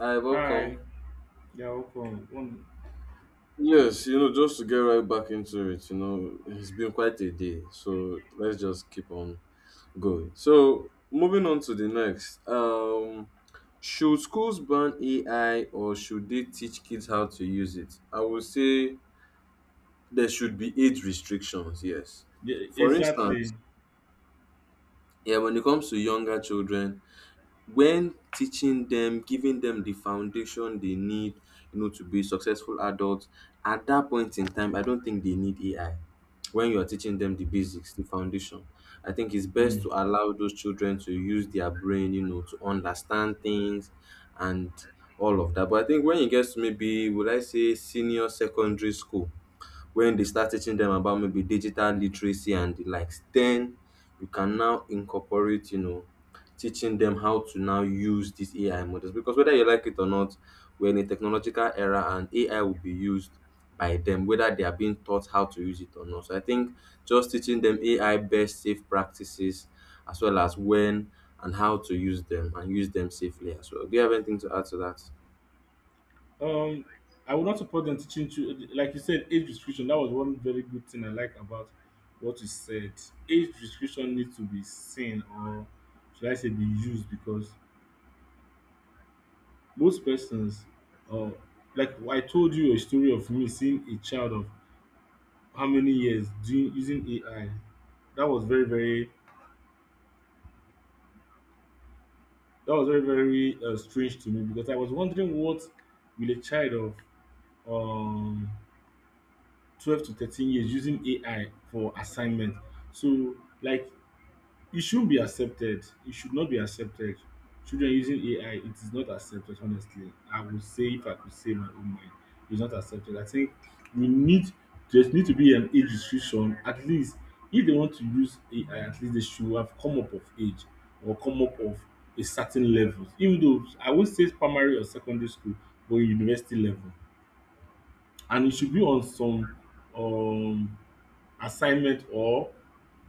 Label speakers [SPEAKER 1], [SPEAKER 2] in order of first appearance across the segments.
[SPEAKER 1] Hi,
[SPEAKER 2] Hi,
[SPEAKER 1] welcome.
[SPEAKER 2] you're welcome. One,
[SPEAKER 1] Yes, you know, just to get right back into it, you know, it's been quite a day. So let's just keep on going. So moving on to the next. Should schools ban AI or should they teach kids how to use it? I would say there should be age restrictions, yes.
[SPEAKER 2] yeah,
[SPEAKER 1] For
[SPEAKER 2] exactly.
[SPEAKER 1] instance, yeah, when it comes to younger children, when teaching them giving them the foundation they need, you know, to be successful adults. At that point in time, I don't think they need AI. When you're teaching them the basics, the foundation, I think it's best
[SPEAKER 2] Mm.
[SPEAKER 1] to allow those children to use their brain, you know, to understand things and all of that. But I think when it gets to, maybe would I say, senior secondary school, when they start teaching them about maybe digital literacy and the likes, then you can now incorporate, you know, teaching them how to now use these AI models. Because whether you like it or not, we're in a technological era and AI will be used by them, whether they are being taught how to use it or not. So I think just teaching them AI best safe practices, as well as when and how to use them and use them safely as well. Do you have anything to add to that?
[SPEAKER 2] Um, I would not support them teaching to like you said, age restriction. That was one very good thing I like about what you said. Age restriction needs to be seen, or should I say, be used, because most persons, uh, like I told you a story of me seeing a child of how many years doing using AI. That was very, very, that was very, very strange to me because I was wondering what will a child of um 12 to 13 years using AI for assignment. So, like, it shouldn't be accepted. It should not be accepted. Children using AI, it is not accepted, honestly. I would say, if I could say my own mind, it's not accepted. I think we need, There's need to be an age restriction. At least, if they want to use AI, at least they should have come up of age or come up of a certain level. Even though I would say primary or secondary school, but university level. And it should be on some um, assignment or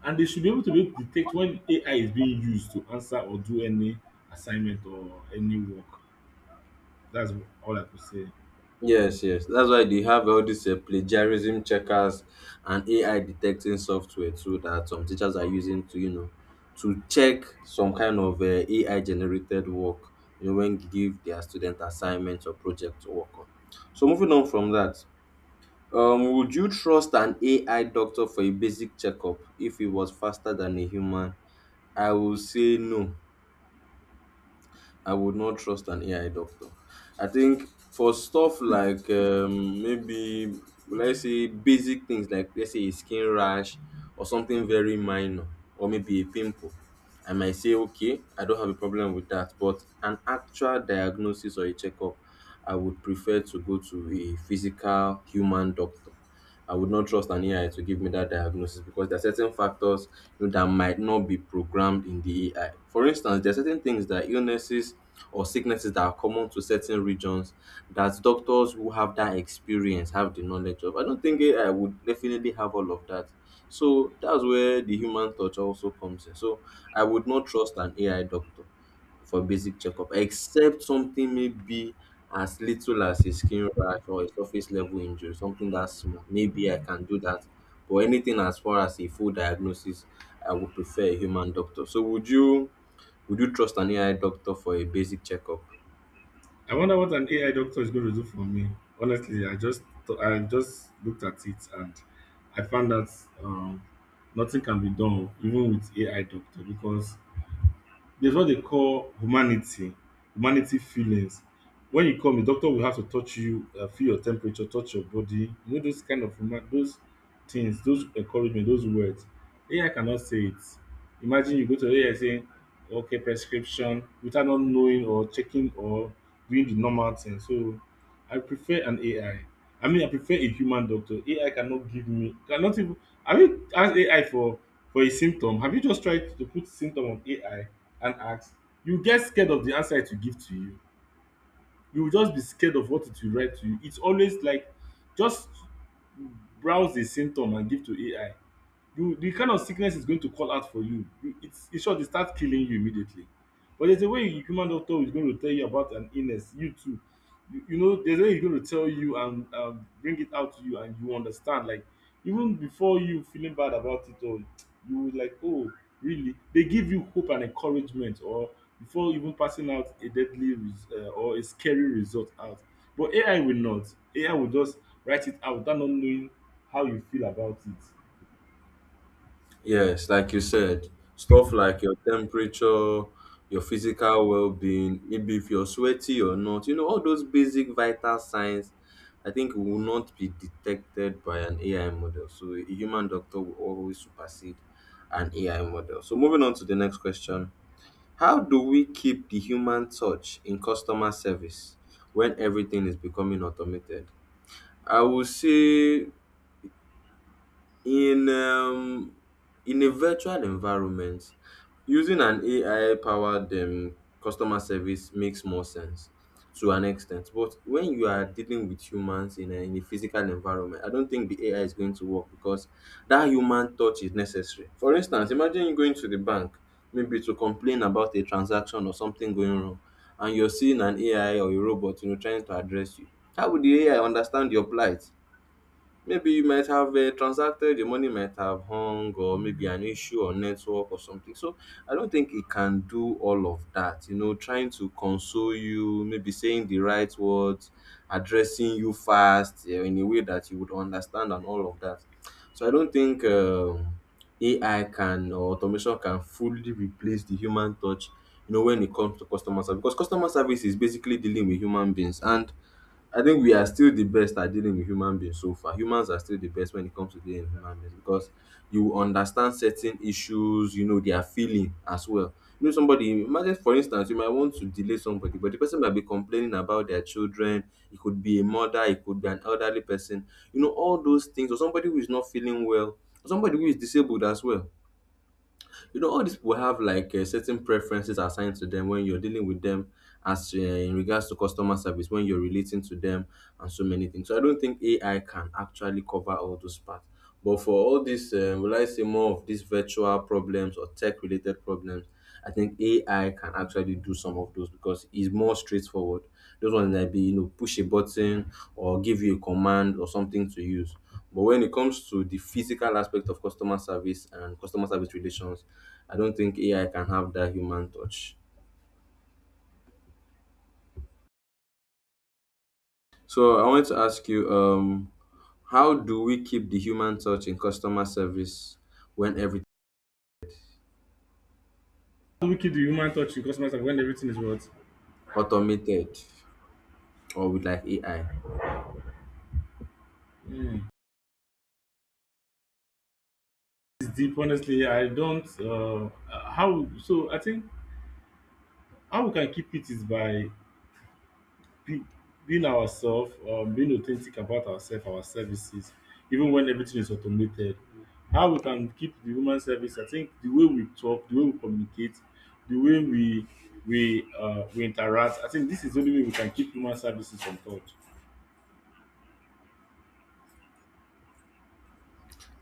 [SPEAKER 2] and they should be able to detect when AI is being used to answer or do any assignment or any work. That's all I could say.
[SPEAKER 1] Yes, yes. That's why they have all these plagiarism checkers and AI detecting software too, that some teachers are using to, you know, to check some kind of AI generated work, you know, when give their student assignments or project to work on. So moving on from that, would you trust an AI doctor for a basic checkup if it was faster than a human? I will say no. I would not trust an AI doctor. I think for stuff like maybe let's say basic things, like let's say a skin rash or something very minor, or maybe a pimple, I might say okay, I don't have a problem with that. But an actual diagnosis or a checkup, I would prefer to go to a physical human doctor. I would not trust an AI to give me that diagnosis because there are certain factors, you know, that might not be programmed in the AI. For instance, there are certain things that illnesses or sicknesses that are common to certain regions, that doctors who have that experience have the knowledge of. I don't think AI would definitely have all of that. So that's where the human touch also comes in. So I would not trust an AI doctor for basic checkup, except something maybe as little as a skin rash or a surface level injury, something that small. Maybe I can do that. But anything as far as a full diagnosis, I would prefer a human doctor. So would you, would you trust an AI doctor for a basic checkup?
[SPEAKER 2] I wonder what an AI doctor is going to do for me. Honestly, I just looked at it and I found that um, nothing can be done even with AI doctor because there's what they call humanity, humanity feelings. When you come, the doctor will have to touch you, feel your temperature, touch your body. You know those kind of human, those things, those encouragement, those words. AI cannot say it. Imagine you go to AI saying, "Okay, prescription," without not knowing or checking or doing the normal thing. So, I prefer an AI. I I mean, I prefer a human doctor. AI cannot give me cannot even. Have you asked AI for a symptom? Have you just tried to put symptom on AI? And ask, you get scared of the answer it will give to you. You will just be scared of what it will write to you. It's always like, just browse the symptom and give to AI, you the kind of sickness is going to call out for you. It's sure they start killing you immediately. But there's a way a human doctor is going to tell you about an illness, you too. There's a way he's going to tell you and bring it out to you, and you understand. Like even before you feeling bad about it, or you will like, oh, really? They give you hope and encouragement, or before even passing out a or a scary result out. But AI will not. AI will just write it out without not knowing how you feel about it.
[SPEAKER 1] Yes, like you said, stuff like your temperature, your physical well-being, maybe if you're sweaty or not, you know, all those basic vital signs, I think will not be detected by an AI model. So a human doctor will always supersede an AI model. So moving on to the next question. How do we keep the human touch in customer service when everything is becoming automated? I will say in um, in a virtual environment, using an AI powered customer service makes more sense to an extent. But when you are dealing with humans in a physical environment, I don't think the AI is going to work because that human touch is necessary. For instance, imagine you going to the bank maybe to complain about a transaction or something going wrong, and you're seeing an AI or a robot, you know, trying to address you. How would the AI understand your plight? Maybe you might have transacted, the money might have hung, or maybe an issue or network or something. So I don't think it can do all of that. You know, trying to console you, maybe saying the right words, addressing you fast in a way that you would understand, and all of that. So I don't think AI can or automation can fully replace the human touch. You know, when it comes to customer service, because customer service is basically dealing with human beings. And I think we are still the best at dealing with human beings so far. Humans are still the best when it comes to dealing with human beings, because you understand certain issues, you know, their feeling as well. You know, somebody, imagine for instance, you might want to delay somebody, but the person might be complaining about their children. It could be a mother, it could be an elderly person, you know, all those things, or somebody who is not feeling well, or somebody who is disabled as well. You know, all these people have like certain preferences assigned to them when you're dealing with them, as in regards to customer service, when you're relating to them, and so many things. So I don't think AI can actually cover all those parts. But for all these will I say, more of these virtual problems or tech related problems, I think AI can actually do some of those because it's more straightforward. Those ones might be, you know, push a button or give you a command or something to use. But when it comes to the physical aspect of customer service and customer service relations, I don't think AI can have that human touch. So I wanted to ask you, how do we keep the human touch in customer service when everything
[SPEAKER 2] How wicked do human touch in customers when everything is what?
[SPEAKER 1] automated or with like AI?
[SPEAKER 2] Mm. It's deep, honestly. Yeah, I don't. How so? I think how we can keep it is by be, being ourselves, being authentic about ourselves, our services, even when everything is automated. How we can keep the human service? I think the way we talk, the way we communicate, the way we we interact. I think this is the only way we can keep human services on touch.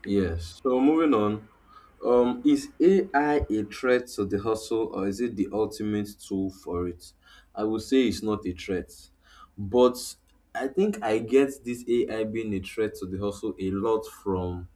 [SPEAKER 1] Yes. So moving on, is AI a threat to the hustle or is it the ultimate tool for it? I would say it's not a threat, but I think I get this AI being a threat to the hustle a lot from,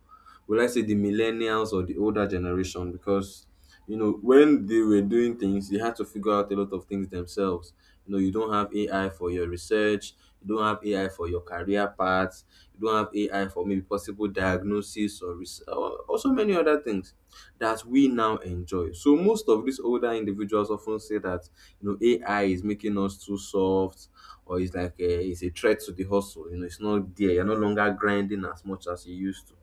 [SPEAKER 1] will I say, the millennials or the older generation, because you know when they were doing things, they had to figure out a lot of things themselves. You know, you don't have AI for your research, you don't have AI for your career paths. You don't have AI for maybe possible diagnosis, or so many other things that we now enjoy. So most of these older individuals often say that, you know, AI is making us too soft, or it's like a, it's a threat to the hustle. You know, it's not there. You're no longer grinding as much as you used to.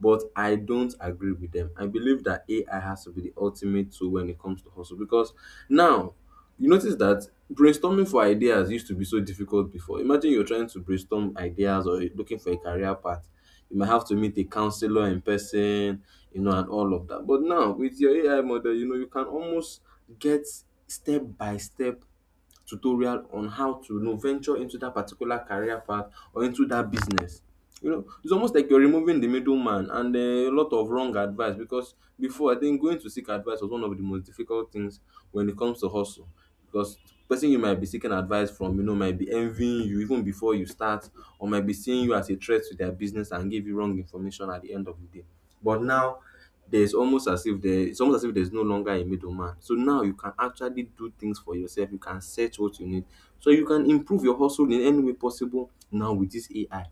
[SPEAKER 1] But I don't agree with them. I believe that AI has to be the ultimate tool when it comes to hustle, because now you notice that brainstorming for ideas used to be so difficult before. Imagine you're trying to brainstorm ideas or looking for a career path. You might have to meet a counselor in person, you know, and all of that. But now with your AI model, you know, you can almost get step by step tutorial on how to, you know, venture into that particular career path or into that business. You know, it's almost like you're removing the middleman and a lot of wrong advice, because before, I think going to seek advice was one of the most difficult things when it comes to hustle, because the person you might be seeking advice from, you know, might be envying you even before you start, or might be seeing you as a threat to their business and give you wrong information at the end of the day. But now, there's almost as if there it's almost as if there's no longer a middleman. So now you can actually do things for yourself. You can search what you need. So you can improve your hustle in any way possible now with this AI.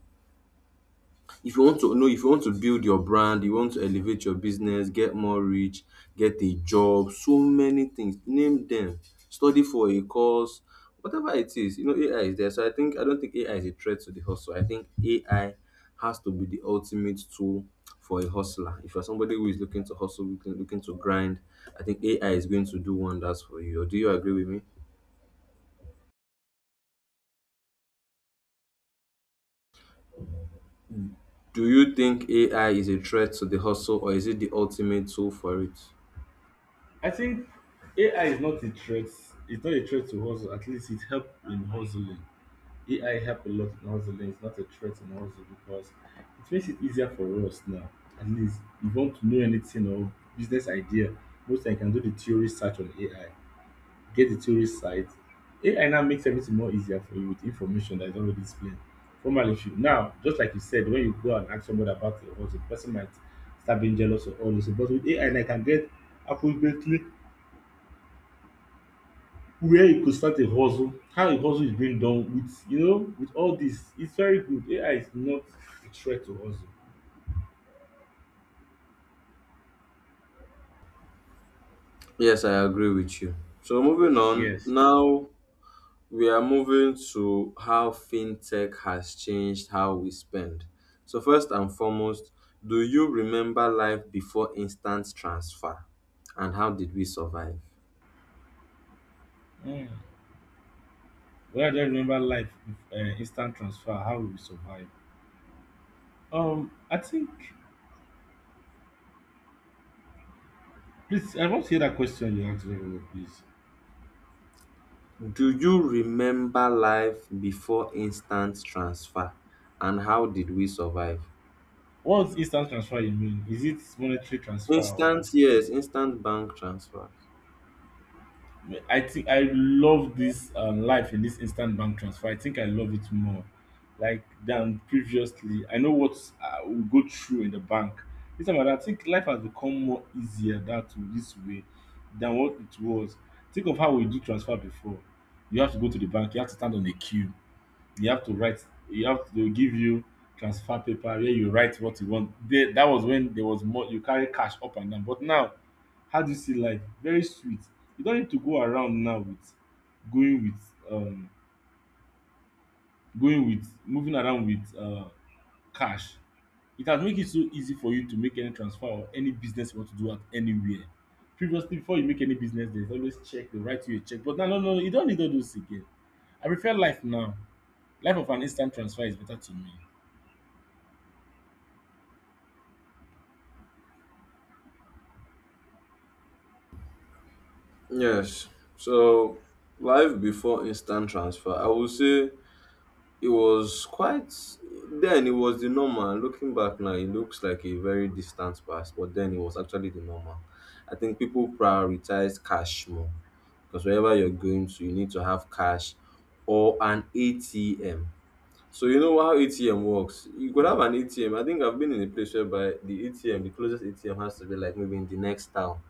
[SPEAKER 1] If you want to know, if you want to build your brand, you want to elevate your business, get more reach, get a job, so many things. Name them. Study for a course, whatever it is. You know, AI is there. So I think, I don't think AI is a threat to the hustle. I think AI has to be the ultimate tool for a hustler. If you're somebody who is looking to hustle, looking to grind, I think AI is going to do wonders for you. Or do you agree with me? Do you think AI is a threat to the hustle or is it the ultimate tool for it?
[SPEAKER 2] I think AI is not a threat. It's not a threat to hustle. At least it help in hustling. AI help a lot in hustling. It's not a threat in hustle because it makes it easier for us now. At least you want to know anything or business idea, most I can do the theory search on AI. Get the theory site. AI now makes everything more easier for you with information that is already explained. Formerly, if now just like you said, when you go and ask somebody about your hustle, the person might start being jealous or all this. But with AI, I can get approximately where you could start a hustle, how a hustle is being done with you know with all this. It's very good. AI is not a threat to hustle.
[SPEAKER 1] Yes, I agree with you. So, moving on,
[SPEAKER 2] Yes.
[SPEAKER 1] now we are moving to how fintech has changed how we spend. So, first and foremost, do you remember life before instant transfer and how did we survive?
[SPEAKER 2] Mm. Well, I just remember life with instant transfer. How we survive. I think. Please, I want to hear that question you asked very well, please.
[SPEAKER 1] Do you remember life before instant transfer and how did we survive?
[SPEAKER 2] What's instant transfer you mean? Is it monetary transfer or?
[SPEAKER 1] Instant, yes, instant bank transfer.
[SPEAKER 2] I think I love this life in this instant bank transfer. I think I love it more, like than previously. I know what I will go through in the bank. This time around, I think life has become more easier that this way than what it was. Think of how we do transfer before. You have to go to the bank. You have to stand on a queue. You have to write. You have to They'll give you transfer paper where you write what you want. There, that was when there was more. You carry cash up and down. But now, how do you see life? Very sweet. You don't need to go around now with going with um going with moving around with cash. It has make it so easy for you to make any transfer or any business you want to do at anywhere. Previously, before you make any business, there's always check. They write you a check. But now, no, no, you don't need all those again. I prefer life now. Life of an instant transfer is better to me.
[SPEAKER 1] Yes. So life before instant transfer, I would say It was quite it was the normal. Looking back now, it looks like a very distant past, but then it was actually the normal. I think people prioritize cash more because wherever you're going to, you need to have cash or an ATM. So you know how ATM works. You could have an ATM. I think I've been in a place whereby the closest ATM has to be like maybe in the next town.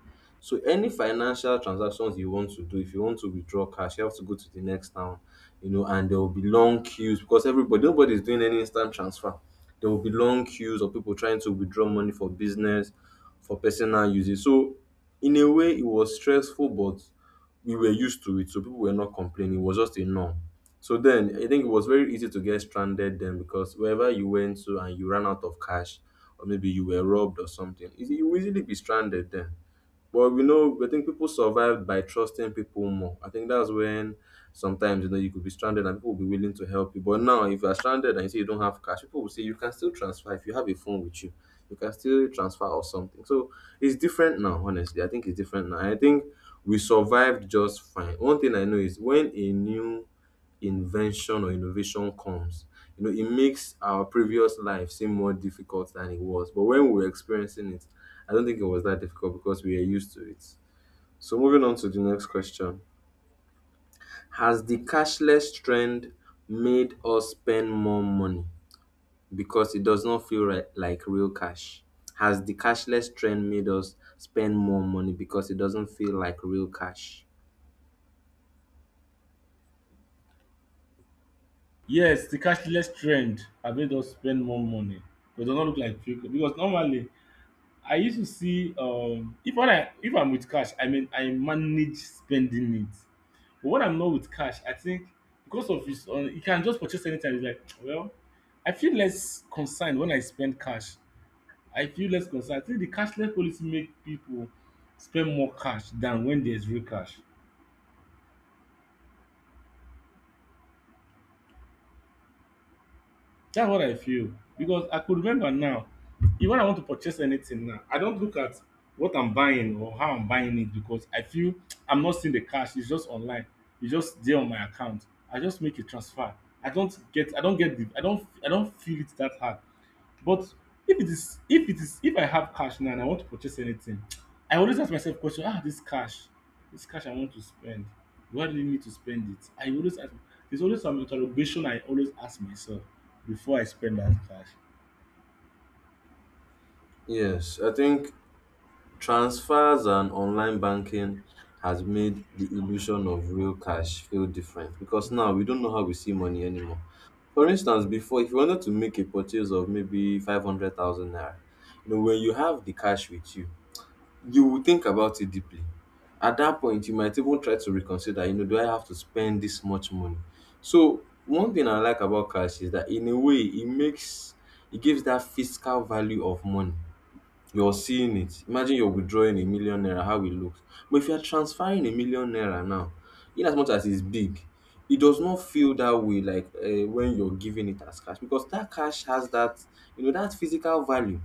[SPEAKER 1] So any financial transactions you want to do, if you want to withdraw cash, you have to go to the next town, you know, and there will be long queues because everybody nobody is doing any instant transfer. There will be long queues of people trying to withdraw money for business, for personal uses. So in a way it was stressful, but we were used to it, so people were not complaining. It was just a norm. So then, I think it was very easy to get stranded then, because wherever you went to and you ran out of cash, or maybe you were robbed or something, you easily be stranded then. But we know, I think people survive by trusting people more. I think that's when sometimes, you know, you could be stranded and people will be willing to help you. But now, if you are stranded and you say you don't have cash, people will say you can still transfer if you have a phone with you. You can still transfer or something. So it's different now. Honestly, I think it's different now. I think we survived just fine. One thing I know is when a new invention or innovation comes. You know, it makes our previous life seem more difficult than it was. But when we were experiencing it, I don't think it was that difficult because we are used to it. So moving on to the next question. Has the cashless trend made us spend more money because it does not feel right, like real cash? Has the cashless trend made us spend more money because it doesn't feel like real cash?
[SPEAKER 2] Yes, the cashless trend have made us spend more money, but it does not look like fake because normally I used to see if when I if I'm with cash, I mean I manage spending it. But when I'm not with cash, I think because of it's you can just purchase anytime. It's like well, I feel less concerned when I spend cash. I feel less concerned. I think the cashless policy make people spend more cash than when there's real cash. That's what I feel because I could remember now, if when I want to purchase anything now, I don't look at what I'm buying or how I'm buying it because I feel I'm not seeing the cash. It's just online. It's just there on my account. I just make a transfer. I don't get. I don't get. The, I don't. I don't feel it that hard. But if it is if it is if I have cash now and I want to purchase anything, I always ask myself question, ah this cash, I want to spend, why do you need to spend it? I always ask, there's always some interrogation I always ask myself before I spend that cash.
[SPEAKER 1] Yes, I think transfers and online banking has made the illusion of real cash feel different, because now we don't know how we see money anymore. For instance, before, if you wanted to make a purchase of maybe 500,000 naira, you know, when you have the cash with you, you will think about it deeply. At that point, you might even try to reconsider, you know, do I have to spend this much money? So, one thing I like about cash is that in a way, it makes, it gives that fiscal value of money, you're seeing it. Imagine you're withdrawing a million naira, how it looks. But if you're transferring a million naira now, in as much as it's big, it does not feel that way like when you're giving it as cash, because that cash has that, you know, that physical value.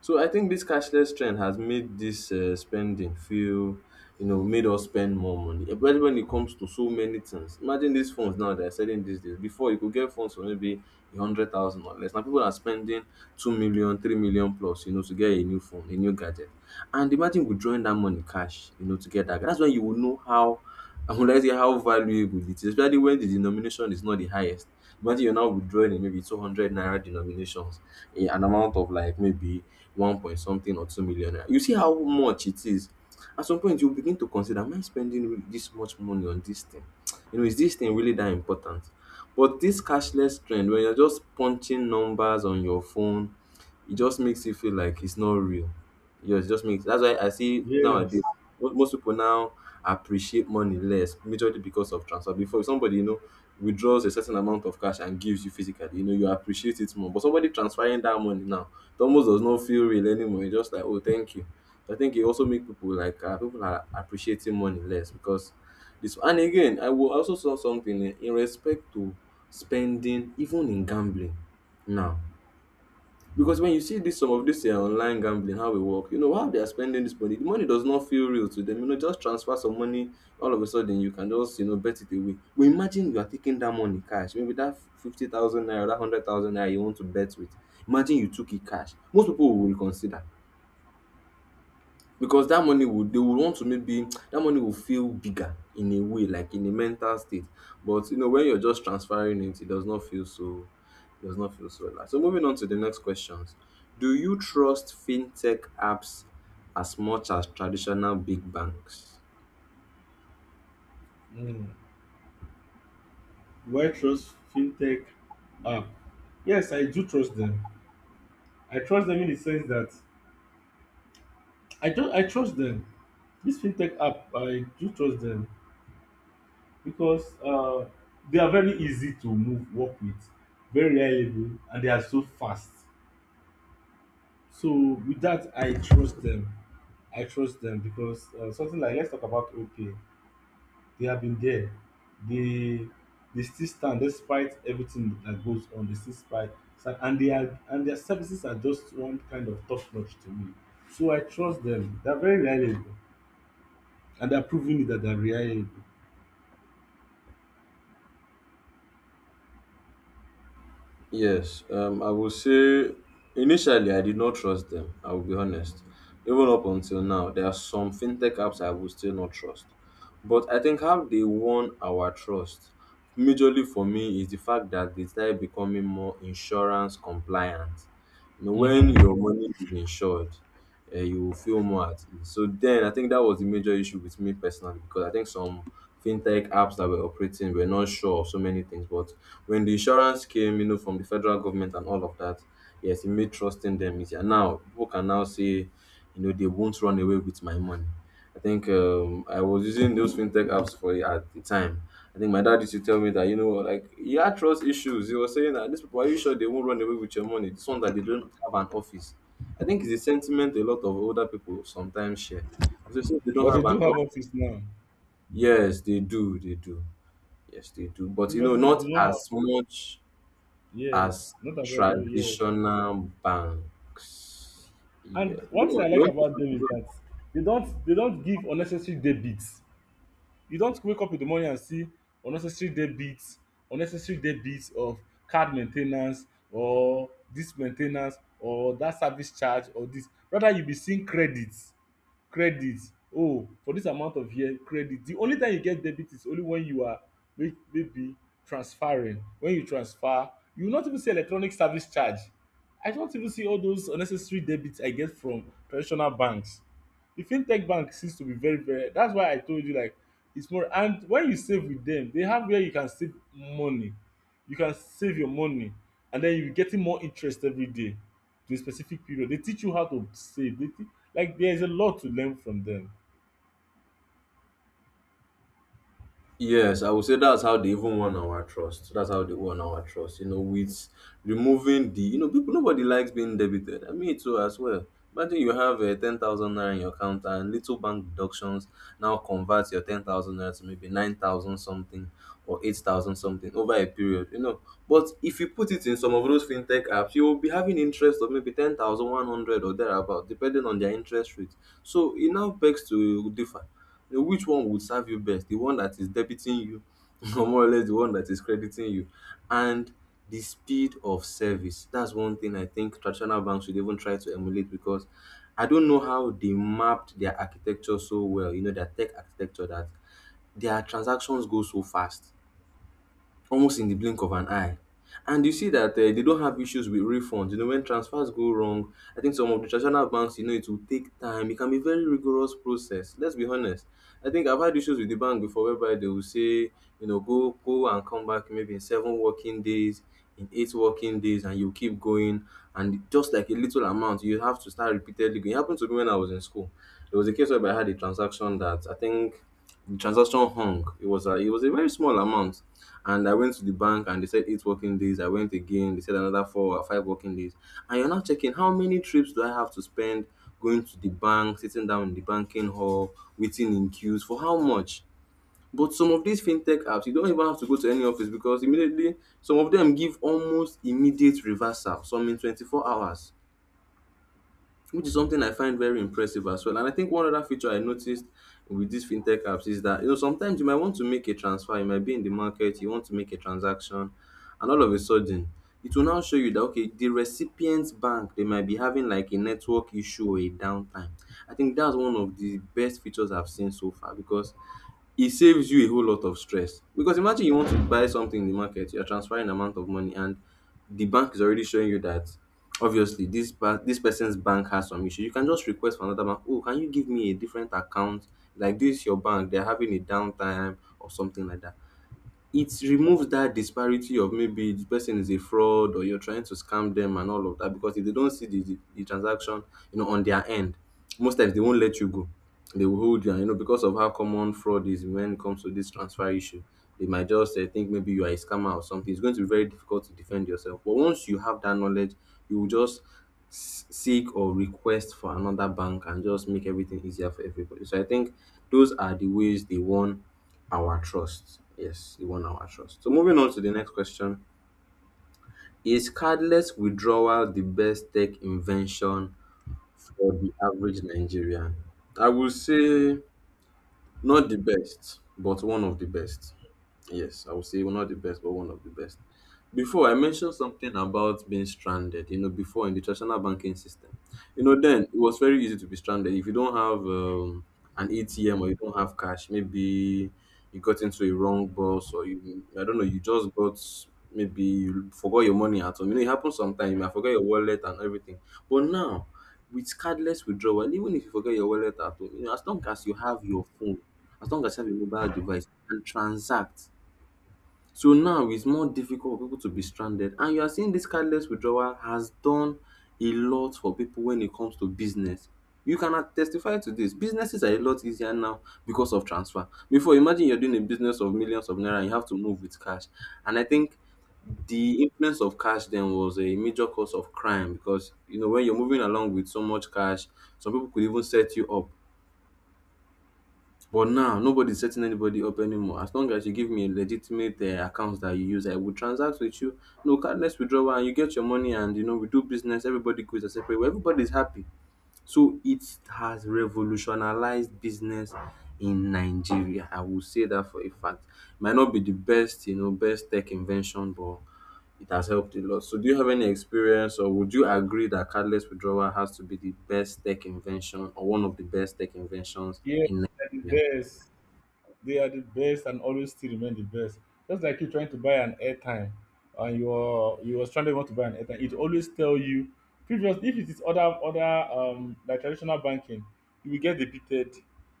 [SPEAKER 1] So I think this cashless trend has made this spending feel, you know, made us spend more money. Especially when it comes to so many things. Imagine these phones now that are selling these days. Before, you could get phones for maybe a hundred thousand or less. Now people are spending 2 million, 3 million plus, you know, to get a new phone, a new gadget. And imagine withdrawing that money cash, you know, to get that. That's when you will know how, I would like to say, how valuable it is, especially when the denomination is not the highest. Imagine you're now withdrawing in maybe 200 naira denominations in an amount of like maybe 1 point something or 2 million naira. You see how much it is. At some point, you begin to consider, am I spending this much money on this thing? You know, is this thing really that important? But this cashless trend, when you're just punching numbers on your phone, it just makes you feel like it's not real. Yeah, it just makes, that's why I see
[SPEAKER 2] Yes.
[SPEAKER 1] nowadays most people now appreciate money less, majorly because of transfer. Before, if somebody, you know, withdraws a certain amount of cash and gives you physically, you know, you appreciate it more. But somebody transferring that money now, it almost does not feel real anymore. It's just like, oh, thank you. So I think it also makes people like people are appreciating money less because this. And again, I will also saw something in respect to spending, even in gambling now, because when you see this some of this online gambling, how we work, you know how they are spending this money. The money does not feel real to them. You know, just transfer some money, all of a sudden you can just, you know, bet it away. But imagine you are taking that money cash, maybe that 50,000 naira, that 100,000 naira you want to bet with. Imagine you took it cash. Most people will reconsider, because that money would, they would want to, maybe that money will feel bigger in a way, like in a mental state. But you know, when you're just transferring it, it does not feel so, it does not feel so relaxed. So moving on to the next questions, do you trust fintech apps as much as traditional big banks?
[SPEAKER 2] Mm. Do I trust fintech app? Yes, I do trust them. I trust them in the sense that I don't I trust them. This fintech app, I do trust them. Because they are very easy to move work with, very reliable and they are so fast. So with that, I trust them. I trust them because something like let's talk about okay, they have been there. they they still stand. Despite everything that goes on, they still stand. And they are and Their services are just one kind of top notch to me. So I trust them, they're very reliable, and they're proving it that they're reliable.
[SPEAKER 1] Yes, I will say initially I did not trust them. I will be honest. Even up until now, there are some fintech apps I will still not trust. But I think how they won our trust, majorly for me, is the fact that they started becoming more insurance compliant. You know, when
[SPEAKER 2] Hmm.
[SPEAKER 1] your money is insured, you will feel more at ease. So then I think that was the major issue with me personally, because I think some fintech apps that were operating were not sure of so many things. But when the insurance came, you know, from the federal government and all of that, yes, it made trusting them easier. Now people can now say, you know, they won't run away with my money. I think I was using those fintech apps for at the time. I think my dad used to tell me that, you know, like he had trust issues. He was saying that these people, are you sure they won't run away with your money? This one that they don't have an office. I think it's a sentiment a lot of older people sometimes share. So since they don't
[SPEAKER 2] But they
[SPEAKER 1] have an
[SPEAKER 2] do have office now.
[SPEAKER 1] yes, they do, yes, they do. But you know,
[SPEAKER 2] Previously they
[SPEAKER 1] not
[SPEAKER 2] do not have.
[SPEAKER 1] as much
[SPEAKER 2] Yes,
[SPEAKER 1] as
[SPEAKER 2] not about you, yes.
[SPEAKER 1] traditional banks. Yeah,
[SPEAKER 2] And
[SPEAKER 1] go
[SPEAKER 2] one thing I
[SPEAKER 1] on. You
[SPEAKER 2] like
[SPEAKER 1] want to say
[SPEAKER 2] about them is
[SPEAKER 1] something?
[SPEAKER 2] that they don't give unnecessary debits. You don't wake up in the morning and see unnecessary debits, unnecessary debits of card maintenance or this maintenance or that service charge or this. Rather you be seeing credits. Credit, oh for dis amount of year credit, de only time you get debit is only wen you are maybe transferring. Wen you transfer, you no even see electronic service charge. I no even see all those unnecessary debit I get from traditional banks. De fintech bank seems to be very very, dats why I told you like its more. And wen you save with dem, dey have where you can save money, you can save your money, and then you're getting more interest every day to a specific period. They teach you how to save, like there's a lot to learn from them.
[SPEAKER 1] Yes, I would say that's how they even won our trust. That's how they won our trust. You know, with removing the, you know, people nobody likes being debited. I mean, too as well. Imagine you have a 10,000 naira in your account and little bank deductions now converts your 10,000 naira to maybe 9,000 something or 8,000 something over a period. You know, but if you put it in some of those fintech apps, you will be having interest of maybe 10,100 or thereabout, depending on their interest rate. So it now begs to differ, you know, which one would serve you best, the one that is debiting you or more or less the one that is crediting you. And the speed of service, that's one thing I think traditional banks should even try to emulate, because I don't know how they mapped their architecture so well, you know, their tech architecture, that their transactions go so fast, almost in the blink of an eye. And you see that they don't have issues with refunds. You know, when transfers go wrong, I think some of the traditional banks, you know, it will take time. It can be very rigorous process. Let's be honest. I think I've had issues with the bank before whereby they will say, you know, go and come back maybe in 7 working days, in 8 working days, and you keep going. And just like a little amount, you have to start repeatedly going. It happened to me when I was in school. There was a case where I had a transaction that I think the transaction hung. It was a very small amount and I went to the bank and they said 8 working days. I went again. They said another four or five working days. And you're now checking, how many trips do I have to spend going to the bank, sitting down in the banking hall, waiting in queues for how much? But some of these fintech apps, you don't even have to go to any office because immediately some of them give almost immediate reversal, some in 24 hours, which is something I find very impressive as well. And I think one other feature I noticed with these fintech apps is that, you know, sometimes you might want to make a transfer, you might be in the market, you want to make a transaction, and all of a sudden it will now show you that okay, the recipient's bank, they might be having like a network issue or a downtime. I think that's one of the best features I've seen so far because it saves you a whole lot of stress. Because imagine you want to buy something in the market, you're transferring amount of money, and the bank is already showing you that obviously this this person's bank has some issue. You can just request for another bank. Oh, can you give me a different account, like this your bank, they're having a downtime or something like that. It removes that disparity of maybe the person is a fraud or you're trying to scam them and all of that, because if they don't see the transaction, you know, on their end, most times they won't let you go. They will hold you and, you know, because of how common fraud is when it comes to this transfer issue, they might just think maybe you are a scammer or something. It's going to be very difficult to defend yourself, but once you have that knowledge, you will just seek or request for another bank and just make everything easier for everybody. So I think those are the ways they won our trust. Yes, they won our trust. So moving on to the next question. Is cardless withdrawal the best tech invention for the average Nigerian? I will say not the best, but one of the best. Yes, I will say not the best, but one of the best. Before, I mentioned something about being stranded, you know, before in the traditional banking system. You know, then it was very easy to be stranded. If you don't have an ATM or you don't have cash, maybe you got into a wrong bus or you, I don't know, you just got, maybe you forgot your money at home. You know, it happens sometimes. You might forget your wallet and everything. But now, with cardless withdrawal, even if you forget your wallet at home, you know, as long as you have your phone, as long as you have a mobile device, you can transact, so now it's more difficult for people to be stranded. And you are seeing this cardless withdrawal has done a lot for people when it comes to business. You cannot testify to this. Businesses are a lot easier now because of transfer. Before, imagine you're doing a business of millions of naira and you have to move with cash. And I think the influence of cash then was a major cause of crime, because you know when you're moving along with so much cash, some people could even set you up. But now nobody's setting anybody up anymore. As long as you give me a legitimate account that you use, I will transact with you. No, cardless withdrawal, and you get your money, and you know we do business. Everybody goes a separate way. Everybody's happy. So it has revolutionized business in Nigeria. I will say that for a fact. Might not be the best, you know, best tech invention, but it has helped a lot. So do you have any experience, or would you agree that cardless withdrawal has to be the best tech invention or one of the best tech inventions
[SPEAKER 2] Yeah,
[SPEAKER 1] in
[SPEAKER 2] they're the
[SPEAKER 1] Nigeria?
[SPEAKER 2] best. They are the best and always still remain the best. Just like you trying to buy an airtime and you are stranded want to buy an airtime, it always tell you previously if it is other like traditional banking, you will get debited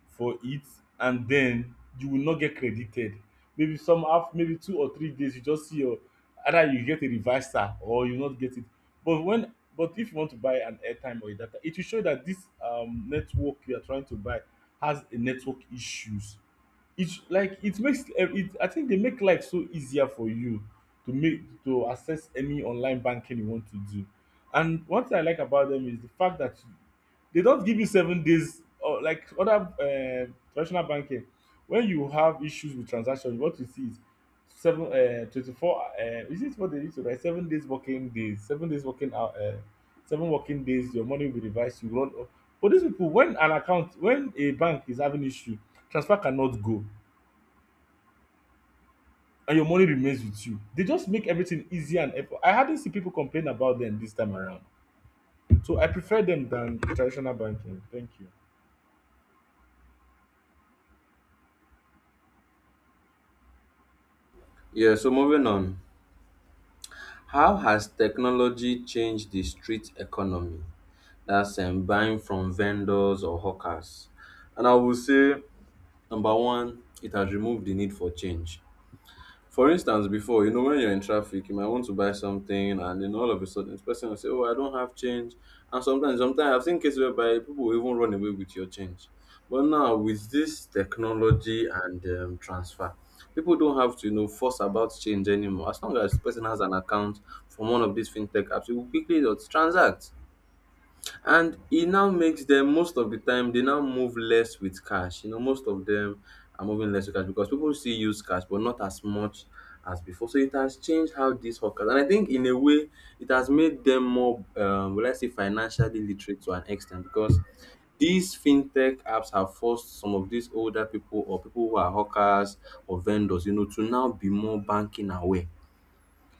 [SPEAKER 2] for it and then you will not get credited. Maybe some half maybe 2 or 3 days you just see your either you get a reversal or you not get it. But when but if you want to buy an airtime or a data, it will show that this network you are trying to buy has a network issues. It's like it makes eh, it I think they make life so easier for you to make to access any online banking you want to do. And one thing I like about them is the fact that they don't give you 7 days or like other traditional banking when you have issues with transactions. What you see is seven 24 is it what they used to write, 7 days working days, 7 days working out, seven working days your money will be revised, you run off. But these people, when an account when a bank is having issues, transfer cannot go and your money remains with you. They just make everything easier and effort. I hardly see people complain about them this time around. So I prefer them than traditional banking. Thank you.
[SPEAKER 1] Yeah, so moving on. How has technology changed the street economy? That's, buying from vendors or hawkers. And I will say, number one, it has removed the need for change. For instance, before, you know, when you're in traffic, you might want to buy something, and then all of a sudden, the person will say, "Oh, I don't have change." And sometimes, I've seen cases whereby people will even run away with your change. But now, with this technology and transfer, people don't have to, you know, fuss about change anymore. As long as the person has an account from one of these fintech apps, you will quickly just transact, and e now makes them, most of the time they now move less with cash, you know, most of them are moving less with cash because people still use cash but not as much as before. So it has changed how these hawkers, and I think in a way it has made them more, will I say, financially literate to an extent, because these fintech apps have forced some of these older people or people who are hawkers or vendors, you know, to now be more banking aware.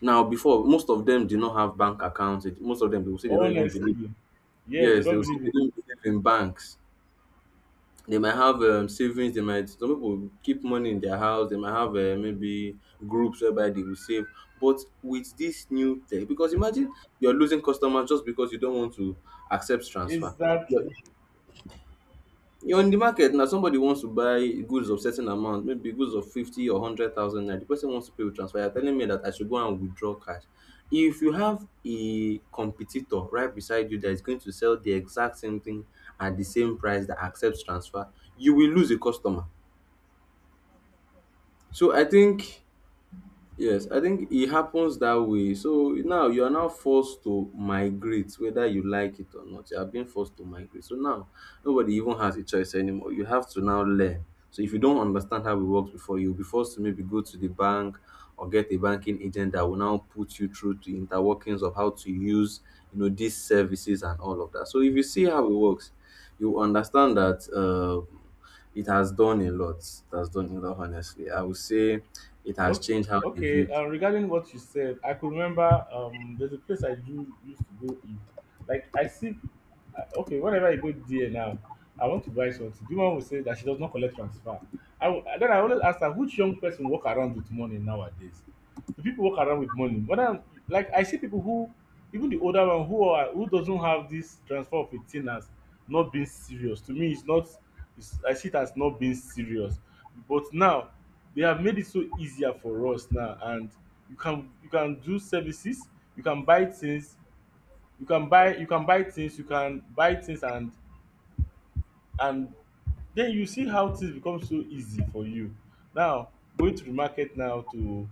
[SPEAKER 1] Now, before, most of them did not have bank accounts. Most of them, they will say they don't even believe.
[SPEAKER 2] Honestly, yes, they
[SPEAKER 1] Yes, they
[SPEAKER 2] don't
[SPEAKER 1] will say
[SPEAKER 2] believe
[SPEAKER 1] they
[SPEAKER 2] in
[SPEAKER 1] don't believe in banks. They might have savings. They might, some people keep money in their house. They might have maybe groups whereby they will save. But with this new tech, because imagine you're losing customers just because you don't want to accept
[SPEAKER 2] it. Is
[SPEAKER 1] transfer.
[SPEAKER 2] that
[SPEAKER 1] You're in the market now, somebody wants to buy goods of certain amount, maybe goods of 50 or 100,000 naira. The person wants to pay with transfer. You're telling me that I should go and withdraw cash. If you have a competitor right beside you that is going to sell the exact same thing at the same price that accepts transfer, you will lose a customer. So I think, yes, I think it happens that way. So now you are now forced to migrate, whether you like it or not. You are being forced to migrate. So now nobody even has a choice anymore. You have to now learn. So if you don't understand how it works before, you'll be forced to maybe go to the bank or get a banking agent that will now put you through to interworkings of how to use, you know, these services and all of that. So if you see how it works, you understand that. Uh, it has done a lot. It has done a lot, honestly. I would say it has
[SPEAKER 2] okay,
[SPEAKER 1] changed how they
[SPEAKER 2] okay.
[SPEAKER 1] view
[SPEAKER 2] Regarding what you said, I could remember there's a place I used to go in. Like I see, okay, whenever I go there now, I want to buy something. The woman will say that she does not collect transfer. I will, then I always ask her, which young person walk around with money nowadays? Do people walk around with money? But I like I see people who, even the older one who are who doesn't have this transfer of 18 as not being serious. To me, it's not. It's, I see it as not being serious. But now they have made it so easier for us now, and you can do services, you can buy things, you can buy things you can buy things, and then you see how things become so easy for you now, going to the market now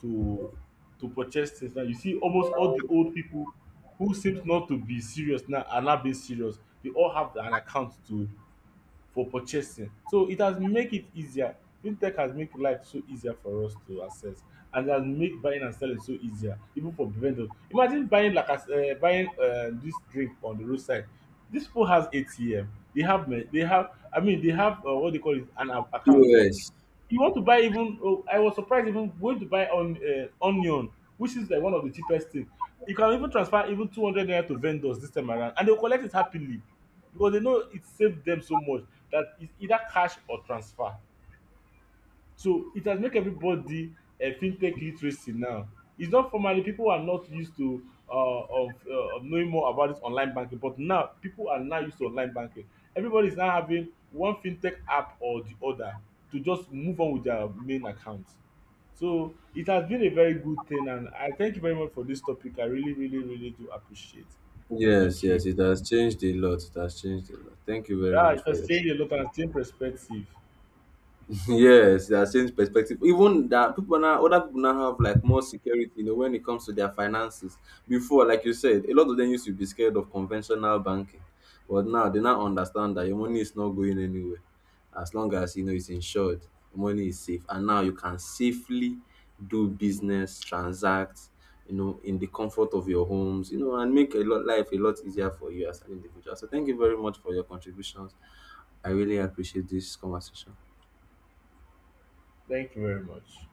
[SPEAKER 2] to to purchase things. Now you see almost all the old people who seems not to be serious now are now being serious, they all have an account to for purchasing. So it has make it easier. Fintech has make life so easier for us to access, and it has make buying and selling so easier even for vendors. Imagine buying like as buying dis drink on the roadside. Dis pipu has ATM, they they have, they have what do you call it, account.
[SPEAKER 1] POS.
[SPEAKER 2] You want to buy, even oh, I was surprised, even going to buy on onion, which is like one of the cheapest thing. You can even transfer even 200 naira to vendors this time around and they will collect it happily because they know it saved them so much, that it's either cash or transfer. So it has make everybody fintech literacy now. It's not formerly people are not used to of knowing more about this online banking, but now people are now used to online banking. Everybody is now having one fintech app or the other to just move on with their main account. So it has been a very good thing, and I thank you very much for this topic. I really, really, really do appreciate.
[SPEAKER 1] Yes,
[SPEAKER 2] Thank
[SPEAKER 1] yes,
[SPEAKER 2] you.
[SPEAKER 1] it has changed a lot. It has changed a lot. Thank you very
[SPEAKER 2] Yeah,
[SPEAKER 1] much
[SPEAKER 2] it
[SPEAKER 1] for
[SPEAKER 2] has
[SPEAKER 1] your.
[SPEAKER 2] changed a lot and changed perspective.
[SPEAKER 1] Yes, they are changed perspective. Even that people now, other people now have like more security, you know, when it comes to their finances. Before, like you said, a lot of them used to be scared of conventional banking, but now they now understand that your money is not going anywhere, as long as you know it's insured, your money is safe, and now you can safely do business, transact, you know, in the comfort of your homes, you know, and make a lot life a lot easier for you as an individual. So, thank you very much for your contributions. I really appreciate this conversation.
[SPEAKER 2] Thank you very much.